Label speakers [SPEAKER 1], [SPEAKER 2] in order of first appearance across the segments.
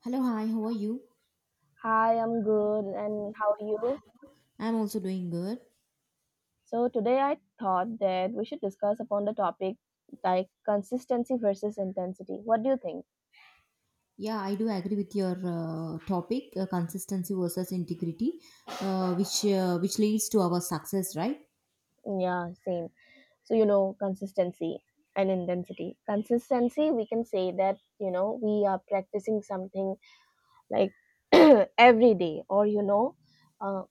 [SPEAKER 1] Hello, hi, how are you?
[SPEAKER 2] Hi, I'm good, and how are you?
[SPEAKER 1] I'm also doing good.
[SPEAKER 2] So today I thought that we should discuss upon the topic like consistency versus intensity. What do you think?
[SPEAKER 1] Yeah, I do agree with your topic, consistency versus integrity, which leads to our success, right?
[SPEAKER 2] Yeah, same. So consistency and intensity. Consistency, we can say that we are practicing something like every day, or uh,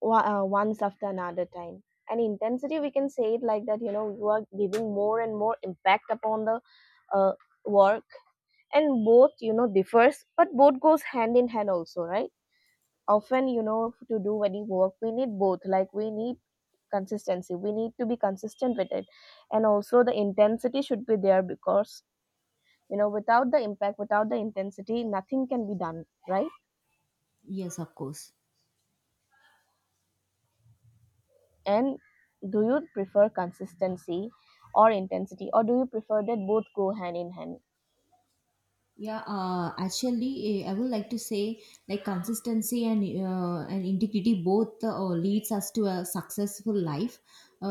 [SPEAKER 2] once after another time. And intensity, we can say it like that. You know, you are giving more and more impact upon the uh, work, and both differs, but both goes hand in hand also, right? Often to do any work we need both, like we need consistency, we need to be consistent with it, and also the intensity should be there because without the impact, without the intensity, nothing can be done, right?
[SPEAKER 1] Yes, of course.
[SPEAKER 2] And do you prefer consistency or intensity, or do you prefer that both go hand in hand?
[SPEAKER 1] Yeah, I would like to say like consistency and and integrity both leads us to a successful life.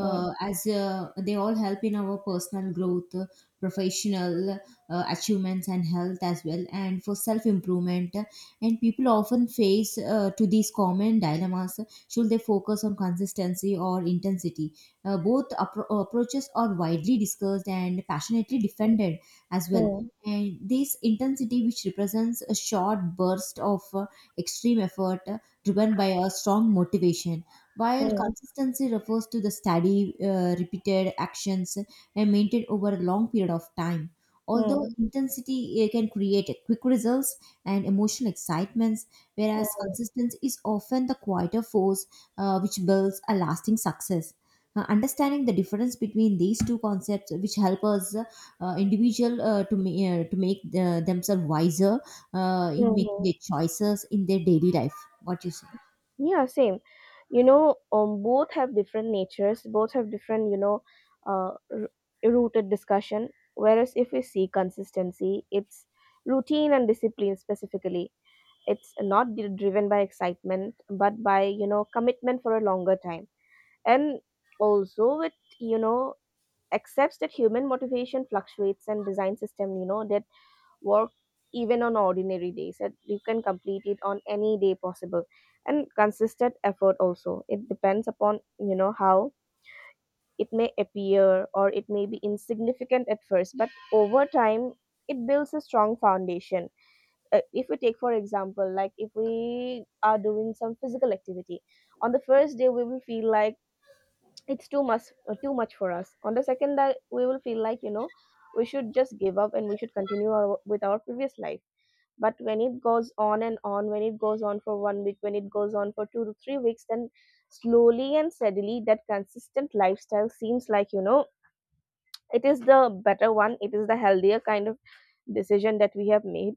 [SPEAKER 2] Mm.
[SPEAKER 1] As They all help in our personal growth, professional achievements, and health as well, and for self improvement. And people often face to these common dilemmas: should they focus on consistency or intensity? Both approaches are widely discussed and passionately defended as well,
[SPEAKER 2] Mm.
[SPEAKER 1] and this intensity, which represents a short burst of extreme effort driven by a strong motivation, while
[SPEAKER 2] Mm.
[SPEAKER 1] consistency refers to the steady, repeated actions and maintained over a long period of time. Although
[SPEAKER 2] Mm,
[SPEAKER 1] intensity can create quick results and emotional excitements, whereas
[SPEAKER 2] mm,
[SPEAKER 1] consistency is often the quieter force, which builds a lasting success. Understanding the difference between these two concepts, which help us individual to make themselves wiser in making
[SPEAKER 2] mhm.
[SPEAKER 1] their choices in their daily life. What you say?
[SPEAKER 2] Yeah, same. Both have different natures, both have different, uh, r- rooted discussion. Whereas if we see consistency, it's routine and discipline specifically. It's not driven by excitement, but by, commitment for a longer time. And also it, you know, accepts that human motivation fluctuates and design system, that work even on ordinary days, that you can complete it on any day possible. And consistent effort also, it depends upon how it may appear or it may be insignificant at first, but over time it builds a strong foundation. If we take for example, like if we are doing some physical activity, on the first day we will feel like it's too much, too much for us. On the second day we will feel like we should just give up and we should continue our, with our previous life. But when it goes on and on, when it goes on for one week, when it goes on for 2 to 3 weeks, then slowly and steadily that consistent lifestyle seems like, it is the better one, it is the healthier kind of decision that we have made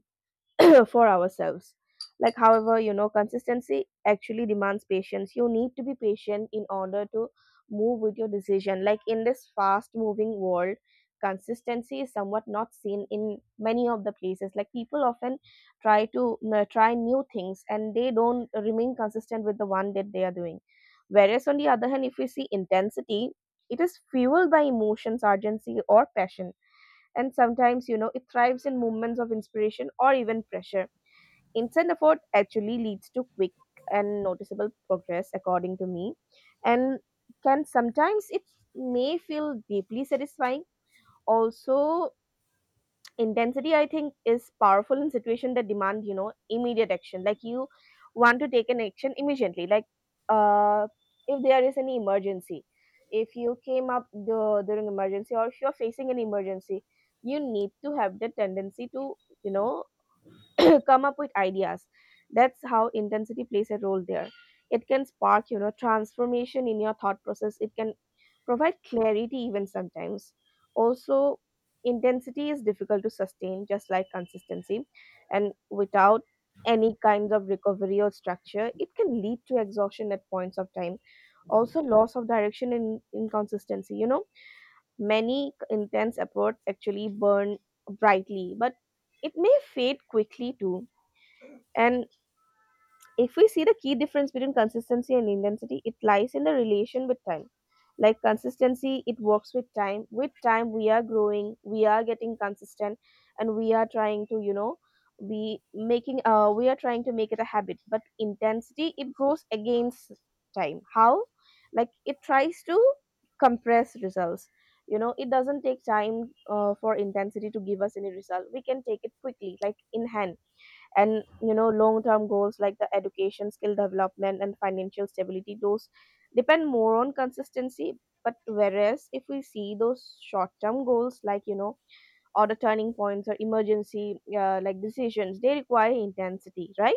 [SPEAKER 2] for ourselves. Like, however, consistency actually demands patience. You need to be patient in order to move with your decision. Like in this fast moving world, consistency is somewhat not seen in many of the places. Like people often try to try new things and they don't remain consistent with the one that they are doing. Whereas on the other hand, if we see intensity, it is fueled by emotions, urgency or passion, and sometimes it thrives in moments of inspiration or even pressure. Instant effort actually leads to quick and noticeable progress, according to me, and can sometimes it may feel deeply satisfying also. Intensity, I think, is powerful in situation that demand, immediate action. Like you want to take an action immediately, like uh if there is any emergency, if you came up the, during emergency, or if you're facing an emergency, you need to have the tendency to, you know come up with ideas. That's how intensity plays a role there. It can spark, transformation in your thought process. It can provide clarity even sometimes. Also, intensity is difficult to sustain, just like consistency. And without any kinds of recovery or structure, it can lead to exhaustion at points of time. Also, loss of direction and inconsistency. Many intense effort actually burn brightly, but it may fade quickly too. And if we see the key difference between consistency and intensity, it lies in the relation with time. Like consistency, it works with time. With time, we are growing, we are getting consistent, and we are trying to, be making we are trying to make it a habit. But intensity, it grows against time. How? Like it tries to compress results. It doesn't take time for intensity to give us any result. We can take it quickly, like in hand. And long term goals like the education, skill development and financial stability, those depend more on consistency. But whereas if we see those short term goals, like, or the turning points or emergency like decisions, they require intensity, right?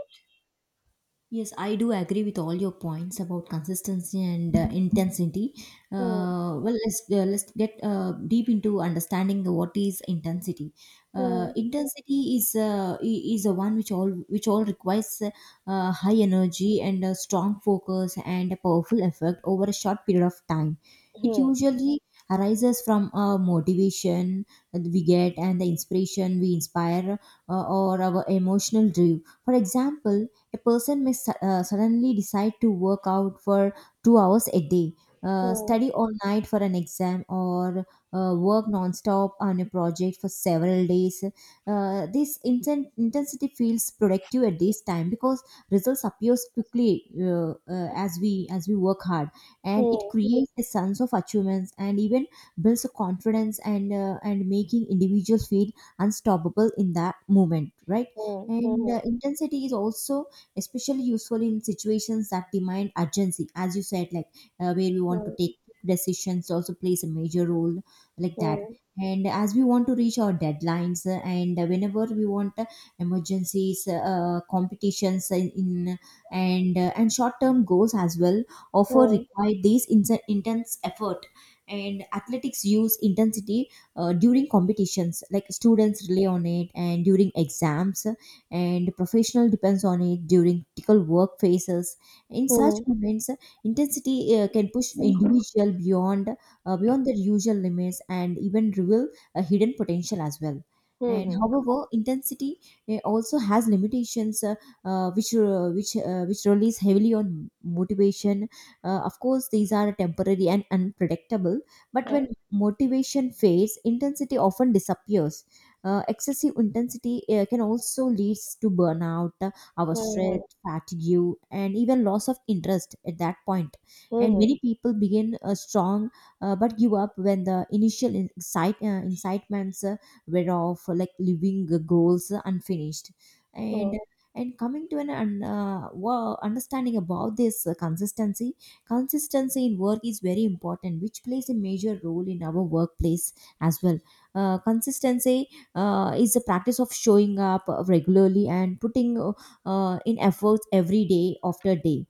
[SPEAKER 1] Yes, I do agree with all your points about consistency and intensity.
[SPEAKER 2] Hmm,
[SPEAKER 1] Well, let's get deep into understanding what is intensity.
[SPEAKER 2] hmm,
[SPEAKER 1] Intensity is is the one which all requires high energy and a strong focus and a powerful effect over a short period of time. It
[SPEAKER 2] hmm,
[SPEAKER 1] usually arises from a motivation that we get and the inspiration we inspire, or our emotional drive. For example, a person may suddenly decide to work out for 2 hours a day,
[SPEAKER 2] hmm,
[SPEAKER 1] study all night for an exam, or work non-stop on a project for several days. This intensity feels productive at this time because results appears quickly, as we work hard, and it
[SPEAKER 2] hmm,
[SPEAKER 1] creates a sense of achievements and even builds a confidence and making individuals feel unstoppable in that moment, right? And
[SPEAKER 2] hmm,
[SPEAKER 1] intensity is also especially useful in situations that demand urgency, as you said, like where we want to
[SPEAKER 2] hmm,
[SPEAKER 1] take decisions also plays a major role like that.
[SPEAKER 2] hmm,
[SPEAKER 1] And as we want to reach our deadlines, and whenever we want, emergencies, competitions in, and short term goals as well offer
[SPEAKER 2] hmm,
[SPEAKER 1] require these intense effort. And athletics use intensity during competitions, like students rely on it and during exams, and professional depends on it during critical work phases. In such
[SPEAKER 2] hmm,
[SPEAKER 1] moments, intensity can push individual beyond, beyond their usual limits and even reveal a hidden potential as well.
[SPEAKER 2] hmm,
[SPEAKER 1] And
[SPEAKER 2] hmm, hmm,
[SPEAKER 1] however, intensity also has limitations, which relies heavily on motivation. Of course, these are temporary and unpredictable. But when motivation fades, intensity often disappears. Excessive intensity can also lead to burnout, our stress,
[SPEAKER 2] hmm,
[SPEAKER 1] fatigue, and even loss of interest at that point. And
[SPEAKER 2] hmm,
[SPEAKER 1] many people begin strong, but give up when the initial incitements were off, like leaving the goals unfinished. And and coming to an understanding about this consistency, consistency in work is very important, which plays a major role in our workplace as well. Consistency is the practice of showing up regularly and putting in efforts every day after day.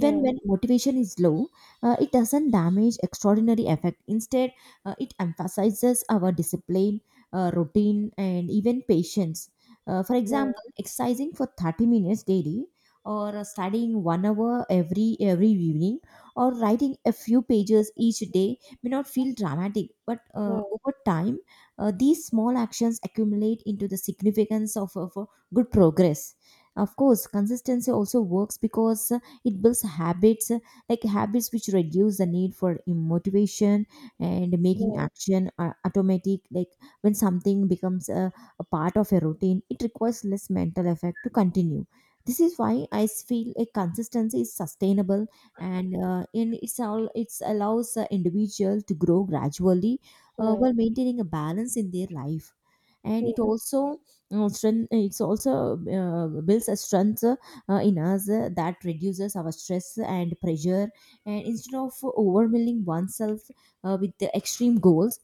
[SPEAKER 2] hmm, hmm,
[SPEAKER 1] when motivation is low, it doesn't damage extraordinary effect. Instead, it emphasizes our discipline, routine, and even patience. For
[SPEAKER 2] hmm, hmm, hmm, hmm, hmm,
[SPEAKER 1] example, exercising for 30 minutes daily, or studying 1 hour every evening, or writing a few pages each day may not feel dramatic, but over time these small actions accumulate into the significance of good progress. Of course, consistency also works because it builds habits, like habits which reduce the need for motivation and
[SPEAKER 2] hmm,
[SPEAKER 1] making action automatic. Like when something becomes a part of a routine, it requires less mental effort to continue. This is why I feel a consistency is sustainable, and in it's all it allows the individual to grow gradually
[SPEAKER 2] hmm,
[SPEAKER 1] while maintaining a balance in their life. And it
[SPEAKER 2] hmm,
[SPEAKER 1] also, strength, it's also builds a strength in us that reduces our stress and pressure, and instead of overwhelming oneself with the extreme goals,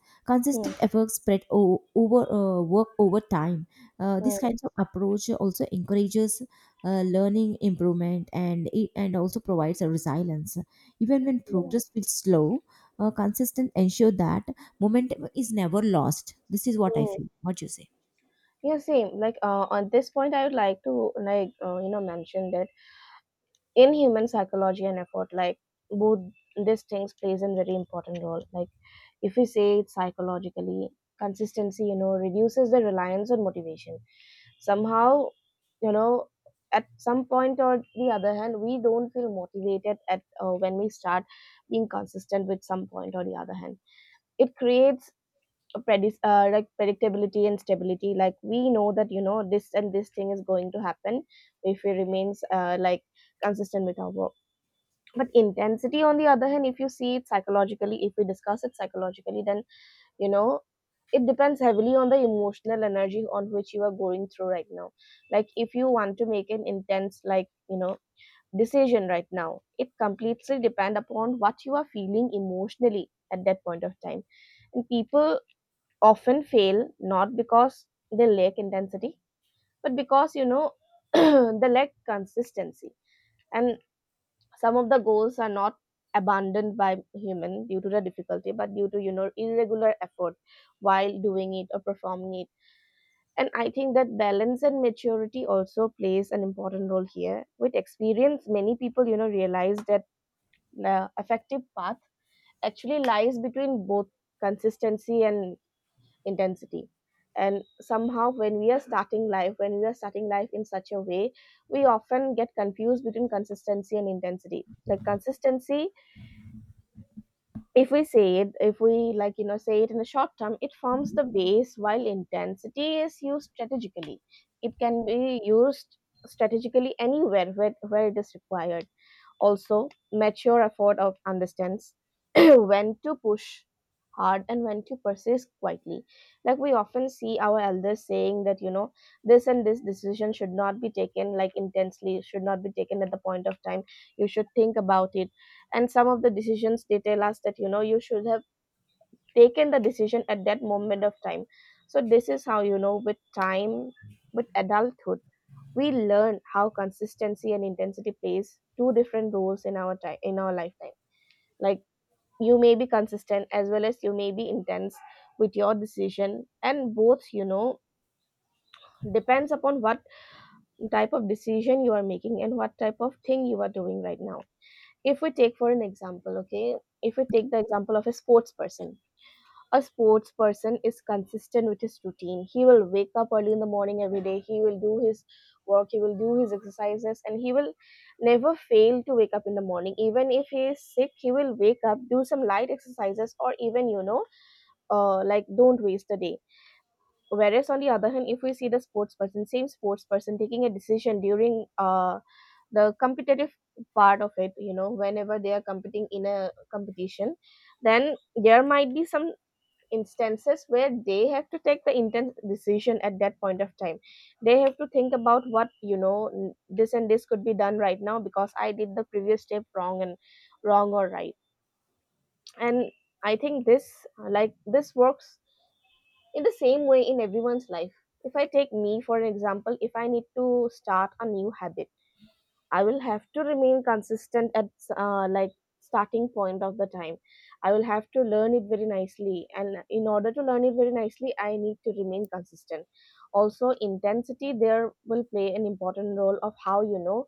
[SPEAKER 2] hmm,
[SPEAKER 1] consistent efforts spread over work over time. This kind of approach also encourages learning improvement, and it and also provides a resilience even when
[SPEAKER 2] hmm,
[SPEAKER 1] progress feels slow. Consistent ensure that momentum is never lost. This is what I
[SPEAKER 2] hmm.
[SPEAKER 1] feel. What you say?
[SPEAKER 2] Yeah, same. Like on this point, I would like to, like, mention that in human psychology and effort, like both these things plays a very important role. Like if we say it psychologically, consistency, reduces the reliance on motivation. Somehow, you know, at some point or the other hand, we don't feel motivated at when we start being consistent with some point or the other hand. It creates predis like predictability and stability. Like we know that, this and this thing is going to happen if we remains consistent with our work. But intensity on the other hand, if you see it psychologically, if we discuss it psychologically, then you know it depends heavily on the emotional energy on which you are going through right now. Like if you want to make an intense, like, decision right now, it completely depend upon what you are feeling emotionally at that point of time. And people often fail not because they lack intensity, but because they lack consistency. And some of the goals are not abandoned by human due to the difficulty, but due to, irregular effort while doing it or performing it. And I think that balance and maturity also plays an important role here. With experience, many people, realize that the effective path actually lies between both consistency and intensity. And somehow when we are starting life, when we are starting life in such a way, we often get confused between consistency and intensity. Like consistency, if we say it, if we say it in the short term, it forms the base, while intensity is used strategically. It can be used strategically anywhere where it is required. Also, mature effort of understands when to push hard and when to persist quietly. Like we often see our elders saying that, this and this decision should not be taken like intensely, should not be taken at the point of time. You should think about it. And some of the decisions, they tell us that, you should have taken the decision at that moment of time. So this is how, with time, with adulthood, we learn how consistency and intensity plays two different roles in our time, in our lifetime. Like you may be consistent as well as you may be intense with your decision, and both, depends upon what type of decision you are making and what type of thing you are doing right now. If we take for an example, okay, if we take the example of a sports person. A sports person is consistent with his routine. He will wake up early in the morning every day. He will do his work. He will do his exercises, and he will never fail to wake up in the morning. Even if he is sick, he will wake up, do some light exercises, or even, like, don't waste the day. Whereas on the other hand, if we see the sports person, same sports person taking a decision during the competitive part of it, whenever they are competing in a competition, then there might be some instances where they have to take the intense decision at that point of time. They have to think about what, this and this could be done right now because I did the previous step wrong and wrong or right. And I think this this works in the same way in everyone's life. If I take me for an example, if I need to start a new habit, I will have to remain consistent at uh, like starting point of the time. I will have to learn it very nicely, and in order to learn it very nicely, I need to remain consistent. Also, intensity there will play an important role of how.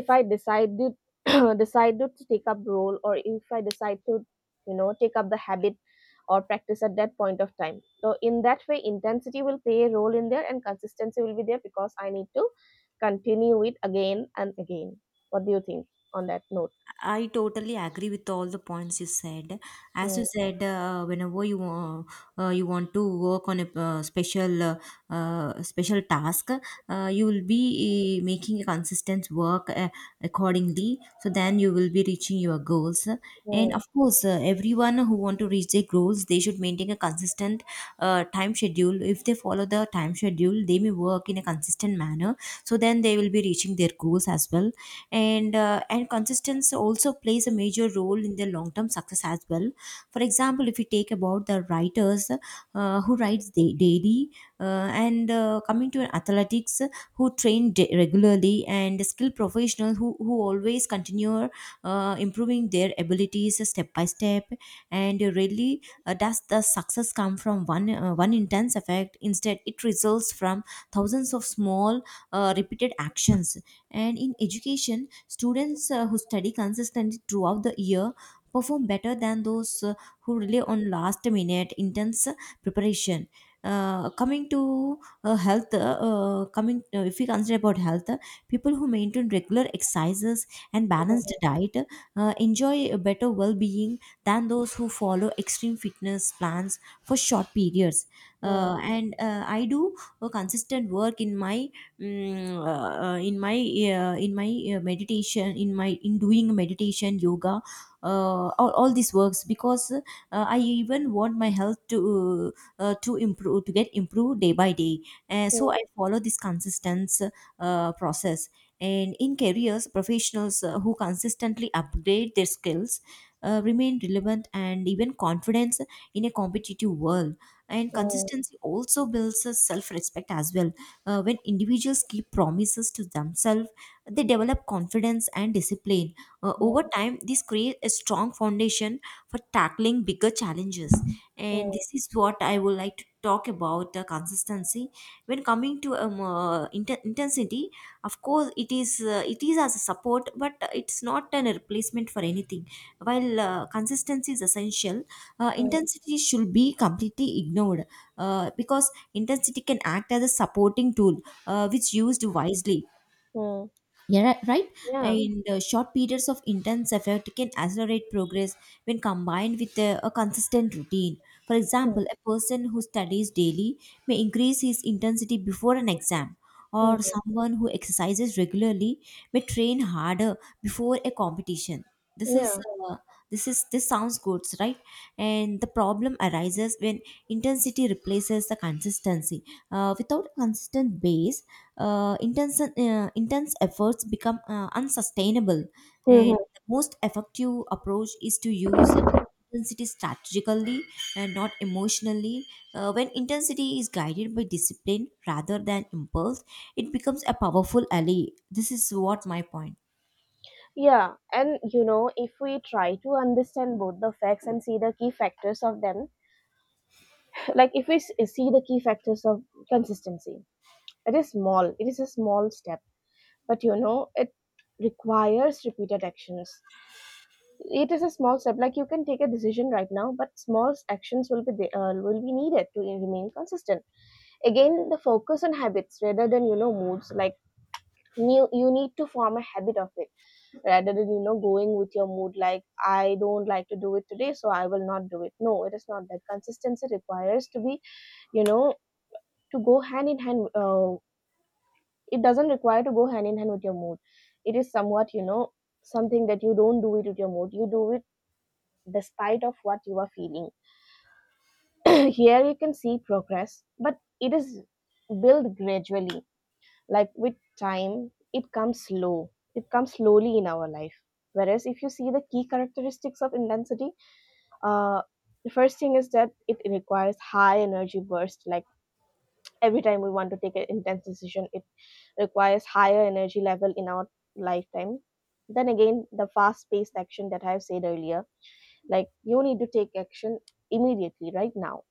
[SPEAKER 2] If I decided decided to take up role, or if I decide to take up the habit or practice at that point of time. So in that way, intensity will play a role in there, and consistency will be there because I need to continue it again and again. What do you think on that note?
[SPEAKER 1] I totally agree with all the points you said. As
[SPEAKER 2] Mm,
[SPEAKER 1] you said, whenever you want to work on a special task, you will be making a consistent work accordingly. So then you will be reaching your goals. And
[SPEAKER 2] mm,
[SPEAKER 1] of course, everyone who want to reach their goals, they should maintain a consistent time schedule. If they follow the time schedule, they may work in a consistent manner. So then they will be reaching their goals as well. And consistency also plays a major role in their long term success as well. For example, if you take about the writers who writes daily, and coming to an athletics who train regularly, and skilled professional who always continue improving their abilities step by step. And really, does the success come from one intense effect? Instead, it results from thousands of small repeated actions. And in education, students who study consistently throughout the year perform better than those who rely on last minute intense preparation. Coming to health, coming If we consider about health, people who maintain regular exercises and balanced
[SPEAKER 2] mm,
[SPEAKER 1] diet enjoy a better well-being than those who follow extreme fitness plans for short periods.
[SPEAKER 2] mm,
[SPEAKER 1] And I do a consistent work in my mm, in my meditation, in my in doing meditation yoga, all these works because I even want my health to improve to get improved day by day. So
[SPEAKER 2] mm,
[SPEAKER 1] I follow this consistent process. And in careers, professionals who consistently upgrade their skills remain relevant and even confidence in a competitive world. And
[SPEAKER 2] mm,
[SPEAKER 1] consistency also builds self-respect as well. When individuals keep promises to themselves, they develop confidence and discipline.
[SPEAKER 2] mm,
[SPEAKER 1] Over time, this creates a strong foundation for tackling bigger challenges. And
[SPEAKER 2] mm,
[SPEAKER 1] this is what I would like to talk about consistency. When coming to intensity, of course, it is, it is as a support, but it's not an replacement for anything. While consistency is essential,
[SPEAKER 2] mm,
[SPEAKER 1] intensity should be completely ignored because intensity can act as a supporting tool which used wisely.
[SPEAKER 2] mm.
[SPEAKER 1] Yeah, right.
[SPEAKER 2] Yeah.
[SPEAKER 1] And short periods of intense effort can accelerate progress when combined with a consistent routine. For
[SPEAKER 2] Mm,
[SPEAKER 1] example, a person who studies daily may increase his intensity before an exam, or
[SPEAKER 2] mm.
[SPEAKER 1] someone who exercises regularly may train harder before a competition. This is
[SPEAKER 2] Yeah.
[SPEAKER 1] uh, this sounds good, right? And the problem arises when intensity replaces the consistency. Without a consistent base, intense efforts become unsustainable. And
[SPEAKER 2] Hmm.
[SPEAKER 1] the most effective approach is to use intensity strategically and not emotionally. When intensity is guided by discipline rather than impulse, it becomes a powerful ally. This is what my point.
[SPEAKER 2] Yeah. And you know, if we try to understand both the facts and see the key factors of them, like if we see the key factors of consistency, it is small, it is a small step, but you know, it requires repeated actions. It is a small step, like you can take a decision right now, but small actions will be needed to remain consistent. Again, the focus on habits rather than moods. Like you need to form a habit of it rather than going with your mood. Like, I don't like to do it today, so I will not do it. No, it is not that. Consistency requires to be, you know to go hand in hand. It doesn't require to go hand in hand with your mood. It is somewhat, something that you don't do it with your mood. You do it despite of what you are feeling. Here you can see progress, but it is built gradually, like with time. It comes slowly in our life. Whereas if you see the key characteristics of intensity, Uh, the first thing is that it requires high energy burst. Like, every time we want to take an intense decision, it requires higher energy level in our lifetime. Then again, the fast paced action that I have said earlier, like you need to take action immediately, right now.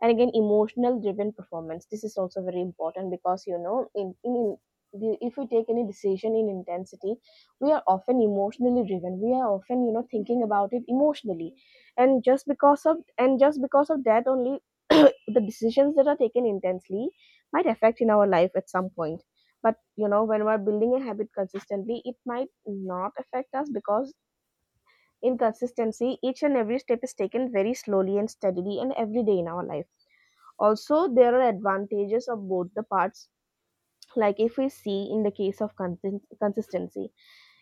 [SPEAKER 2] And again, emotional driven performance, this is also very important because if we take any decision in intensity, we are often emotionally driven. We are often thinking about it emotionally. And just because of that only, the decisions that are taken intensely might affect in our life at some point. But when we're building a habit consistently, it might not affect us because in consistency, each and every step is taken very slowly and steadily and every day in our life. Also, there are advantages of both the parts. Like, if we see in the case of consistency,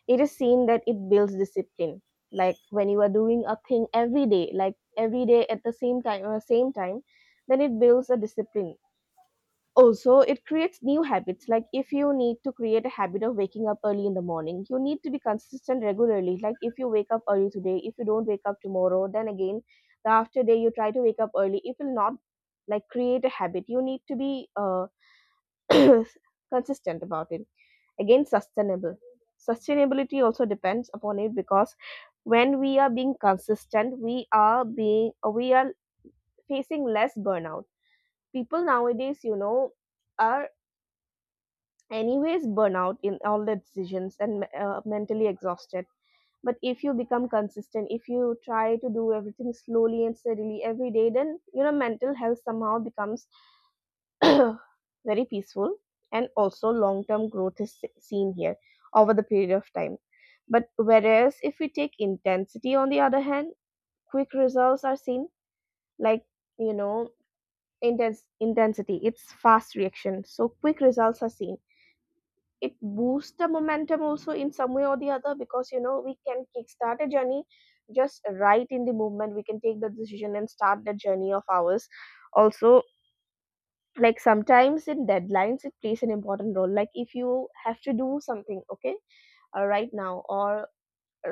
[SPEAKER 2] it is seen that it builds discipline. Like when you are doing a thing every day, like every day at the same time or same time, then it builds a discipline. Also, it creates new habits. Like if you need to create a habit of waking up early in the morning, you need to be consistent regularly. Like if you wake up early today, if you don't wake up tomorrow, then again the after day you try to wake up early, it will not like create a habit. You need to be consistent about it. Again, sustainable. Sustainability also depends upon it because when we are being consistent, we are facing less burnout. People nowadays, are anyways burnout in all the decisions and mentally exhausted. But if you become consistent, if you try to do everything slowly and steadily every day, then mental health somehow becomes very peaceful. And also, long term growth is seen here over the period of time. But whereas if we take intensity on the other hand, quick results are seen. Like, you know intense intensity, it's fast reaction, so quick results are seen. It boosts the momentum also in some way or the other because we can kickstart a journey just right in the movement. We can take the decision and start the journey of ours. Also, like sometimes in deadlines it plays an important role. Like if you have to do something, okay, right now, or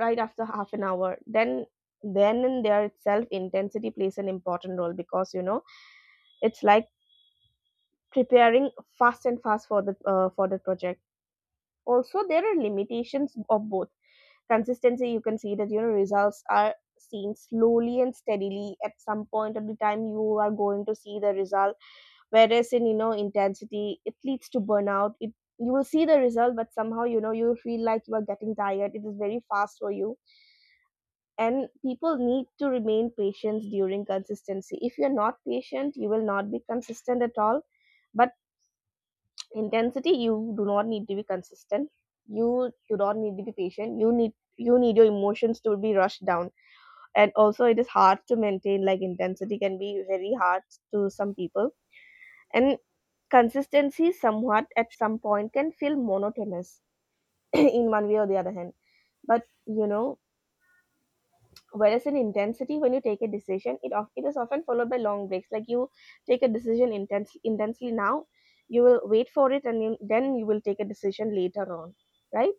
[SPEAKER 2] right after half an hour, then and there itself intensity plays an important role because it's like preparing fast and fast for the for the project. Also, there are limitations of both. Consistency, you can see that results are seen slowly and steadily. At some point of the time, you are going to see the result. Whereas in, intensity, it leads to burnout. It You will see the result, but somehow you feel like you are getting tired. It is very fast for you. And people need to remain patient during consistency. If you're not patient, you will not be consistent at all. But intensity, you do not need to be consistent, you do not need to be patient. You need your emotions to be rushed down. And also, it is hard to maintain. Like intensity can be very hard to some people. And consistency somewhat at some point can feel monotonous in one way or the other hand. But whereas in intensity, when you take a decision, it is often followed by long breaks. Like, you take a decision intensely now, you will wait for it, and then you will take a decision later on, right?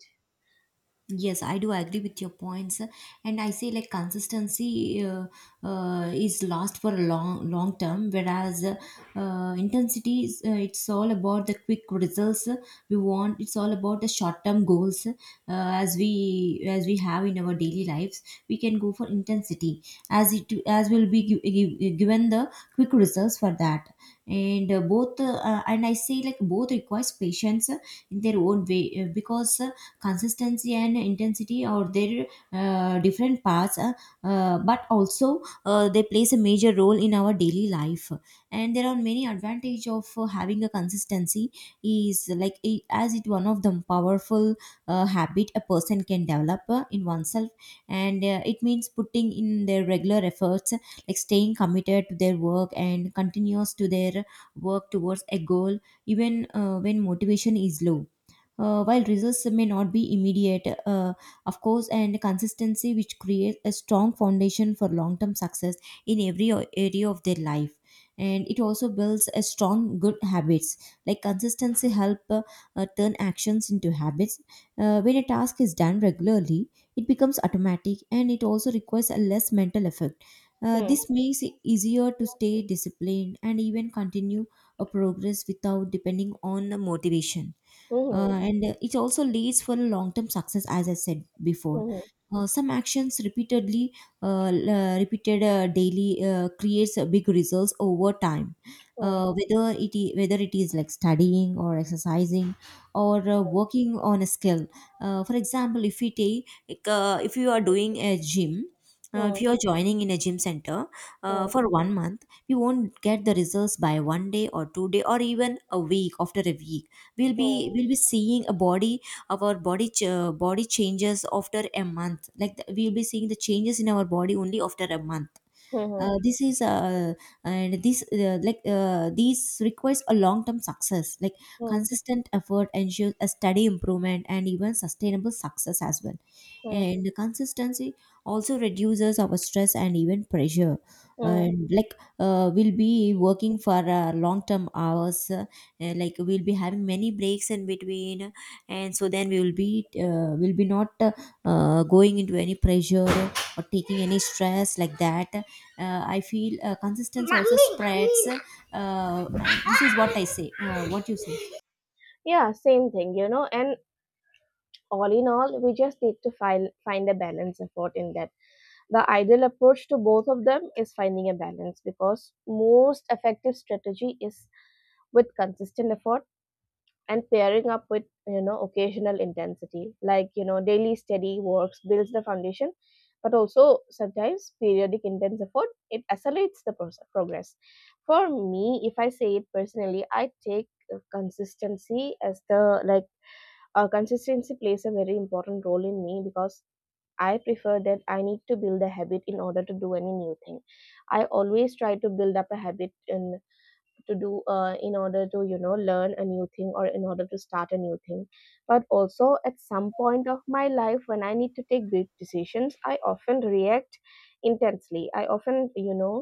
[SPEAKER 1] Yes, I do agree with your points, and I say like consistency is lost for a long long term, whereas intensity is, it's all about the quick results we want. It's all about the short term goals as we have in our daily lives. We can go for intensity as it as will be given the quick results for that, and both and I say like both requires patience in their own way, because. Consistency and intensity or their different parts, but also they plays a major role in our daily life, and there are many advantage of having a consistency. Is like it, as it one of the powerful habit a person can develop in oneself, and it means putting in their regular efforts, like staying committed to their work and continuous to their work towards a goal, even when motivation is low. While results may not be immediate, of course, and consistency which creates a strong foundation for long term success in every area of their life. And it also builds a strong good habits, like consistency help turn actions into habits. When a task is done regularly, it becomes automatic and it also requires a less mental effort.
[SPEAKER 2] Hmm.
[SPEAKER 1] This makes it easier to stay disciplined and even continue a progress without depending on the motivation. uh,
[SPEAKER 2] Hmm.
[SPEAKER 1] and uh, it also leads for a long-term success, as I said before.
[SPEAKER 2] Hmm.
[SPEAKER 1] Some actions repeatedly, repeated daily, creates a big results over time,
[SPEAKER 2] Hmm.
[SPEAKER 1] whether it is like studying or exercising or working on a skill. For example, if it take like, if you are doing a gym,
[SPEAKER 2] Hmm.
[SPEAKER 1] if you are joining in a gym center for one month, you won't get the results by one day or two day or even a week. After a week, we'll
[SPEAKER 2] Mm.
[SPEAKER 1] be we'll be seeing a body, our body changes after a month, like we'll be seeing the changes in our body only after a month.
[SPEAKER 2] Mm-hmm.
[SPEAKER 1] Uh, this is and this like This requires a long term success, like
[SPEAKER 2] Mm,
[SPEAKER 1] consistent effort ensures a steady improvement and even sustainable success as well.
[SPEAKER 2] mm,
[SPEAKER 1] And the consistency also reduces our stress and even pressure.
[SPEAKER 2] mm.
[SPEAKER 1] And we'll be working for long term hours, and like we'll be having many breaks in between, and so then we will be not going into any pressure or taking any stress like that. I feel consistency also spreads. uh, this is what I say. What you say?
[SPEAKER 2] Yeah, same thing. And all in all, we just need to find a balance effort in that. The ideal approach to both of them is finding a balance because most effective strategy is with consistent effort and pairing up with occasional intensity. Like, daily steady works builds the foundation, but also sometimes periodic intense effort, it accelerates the progress. For me, if I say it personally, I take consistency as the, like, consistency plays a very important role in me because I prefer that I need to build a habit in order to do any new thing. I always try to build up a habit in to do in order to learn a new thing, or in order to start a new thing. But also at some point of my life, when I need to take big decisions, I often react intensely. I often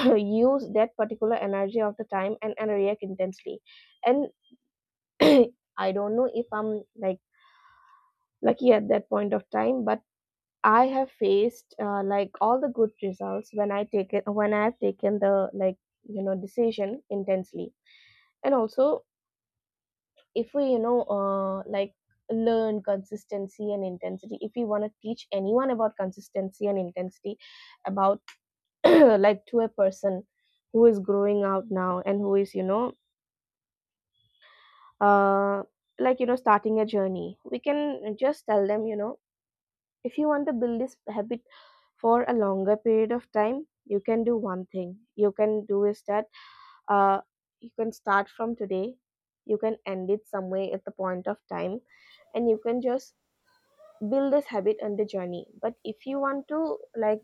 [SPEAKER 2] use that particular energy of the time, and, react intensely. And I don't know if I'm like lucky at that point of time, but I have faced like all the good results when I have taken the like decision intensely. And also, if we, like, learn consistency and intensity, if we want to teach anyone about consistency and intensity, about like to a person who is growing out now and who is uh, like starting a journey, we can just tell them, if you want to build this habit for a longer period of time, you can do one thing, you can do is that, uh, you can start from today, you can end it somewhere at the point of time, and you can just build this habit on the journey. But if you want to like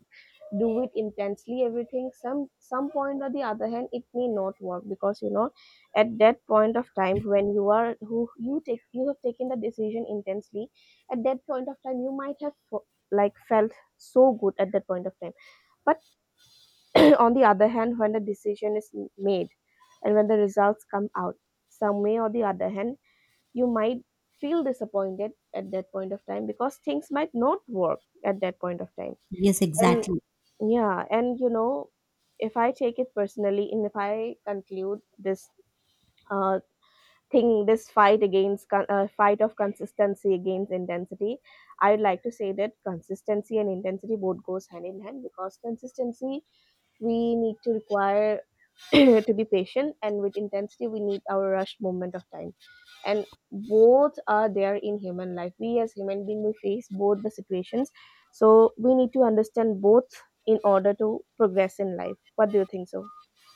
[SPEAKER 2] do it intensely everything, some point or the other hand, it may not work because at that point of time, when you are who you take you have taken the decision intensely, at that point of time you might have like felt so good at that point of time. But on the other hand, when the decision is made and when the results come out, some way or the other hand, you might feel disappointed at that point of time because things might not work at that point of time.
[SPEAKER 1] Yes,
[SPEAKER 2] And
[SPEAKER 1] exactly.
[SPEAKER 2] yeah, and if I take it personally and if I conclude this uh, thing, this fight of consistency against intensity, I would like to say that consistency and intensity both goes hand in hand. Because consistency, we need to require to be patient, and with intensity we need our rushed moment of time. And both are there in human life. We, as human being, we face both the situations, so we need to understand both in order to progress in life. What do you think so?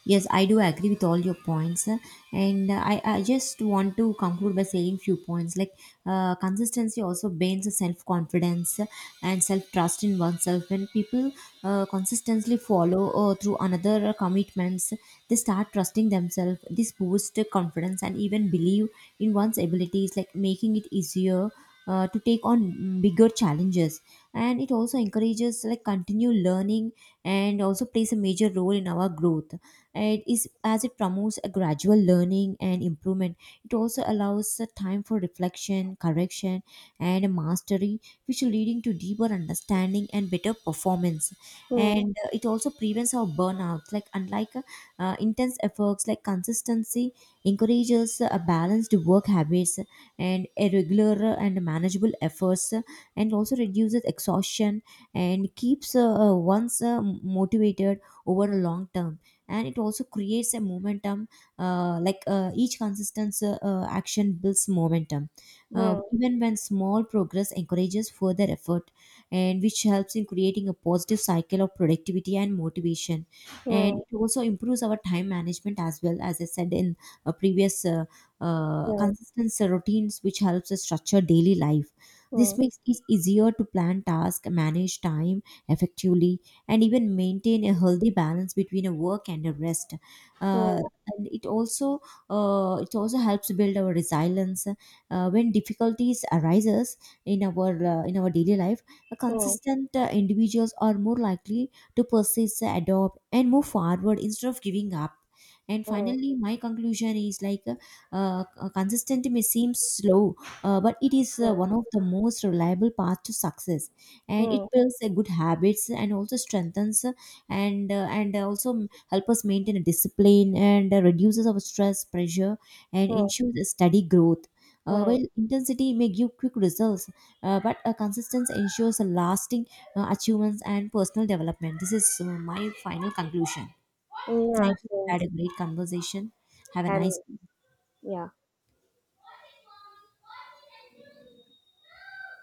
[SPEAKER 1] Yes, I do agree with all your points. And I just want to conclude by saying few points, like consistency also builds self confidence and self trust in oneself. When people consistently follow through another commitments, they start trusting themselves. This boosts confidence and even believe in one's abilities, like making it easier to take on bigger challenges. And it also encourages like continue learning and also plays a major role in our growth, it is as it promotes a gradual learning and improvement. It also allows a time for reflection correction and mastery, which are leading to deeper understanding and better performance.
[SPEAKER 2] 嗯
[SPEAKER 1] And it also prevents our burnout, like unlike intense efforts, like consistency encourages a balanced work habits and a regular and manageable efforts, and also reduces exhaustion and keeps one's motivated over a long term. And it also creates a momentum, like each consistent action builds momentum,
[SPEAKER 2] 嗯
[SPEAKER 1] even when small progress encourages further effort, and which helps in creating a positive cycle of productivity and motivation. And
[SPEAKER 2] 嗯。
[SPEAKER 1] it also improves our time management as well, as I said in a previous,
[SPEAKER 2] Mm,
[SPEAKER 1] consistent routines which helps us structure daily life.
[SPEAKER 2] mm,
[SPEAKER 1] This makes it easier to plan tasks, manage time effectively, and even maintain a healthy balance between a work and a rest. Uh,
[SPEAKER 2] mm,
[SPEAKER 1] and it also, it also helps build our resilience when difficulties arises in our, in our daily life. A
[SPEAKER 2] mm,
[SPEAKER 1] consistent individuals are more likely to persist, adopt, and move forward instead of giving up. And
[SPEAKER 2] mm,
[SPEAKER 1] finally, my conclusion is like, consistency may seem slow, but it is
[SPEAKER 2] mm,
[SPEAKER 1] one of the most reliable paths to success, and it
[SPEAKER 2] mm,
[SPEAKER 1] builds a good habits and also strengthens, and also help us maintain a discipline, and reduces our stress pressure and
[SPEAKER 2] mm,
[SPEAKER 1] ensures a steady growth.
[SPEAKER 2] mm.
[SPEAKER 1] While intensity may give quick results, but consistency ensures a lasting achievements and personal development. This is my final conclusion. Thank
[SPEAKER 2] Yeah,
[SPEAKER 1] you, we
[SPEAKER 2] same.
[SPEAKER 1] had a great conversation. Have a
[SPEAKER 2] And
[SPEAKER 1] nice day.
[SPEAKER 2] yeah.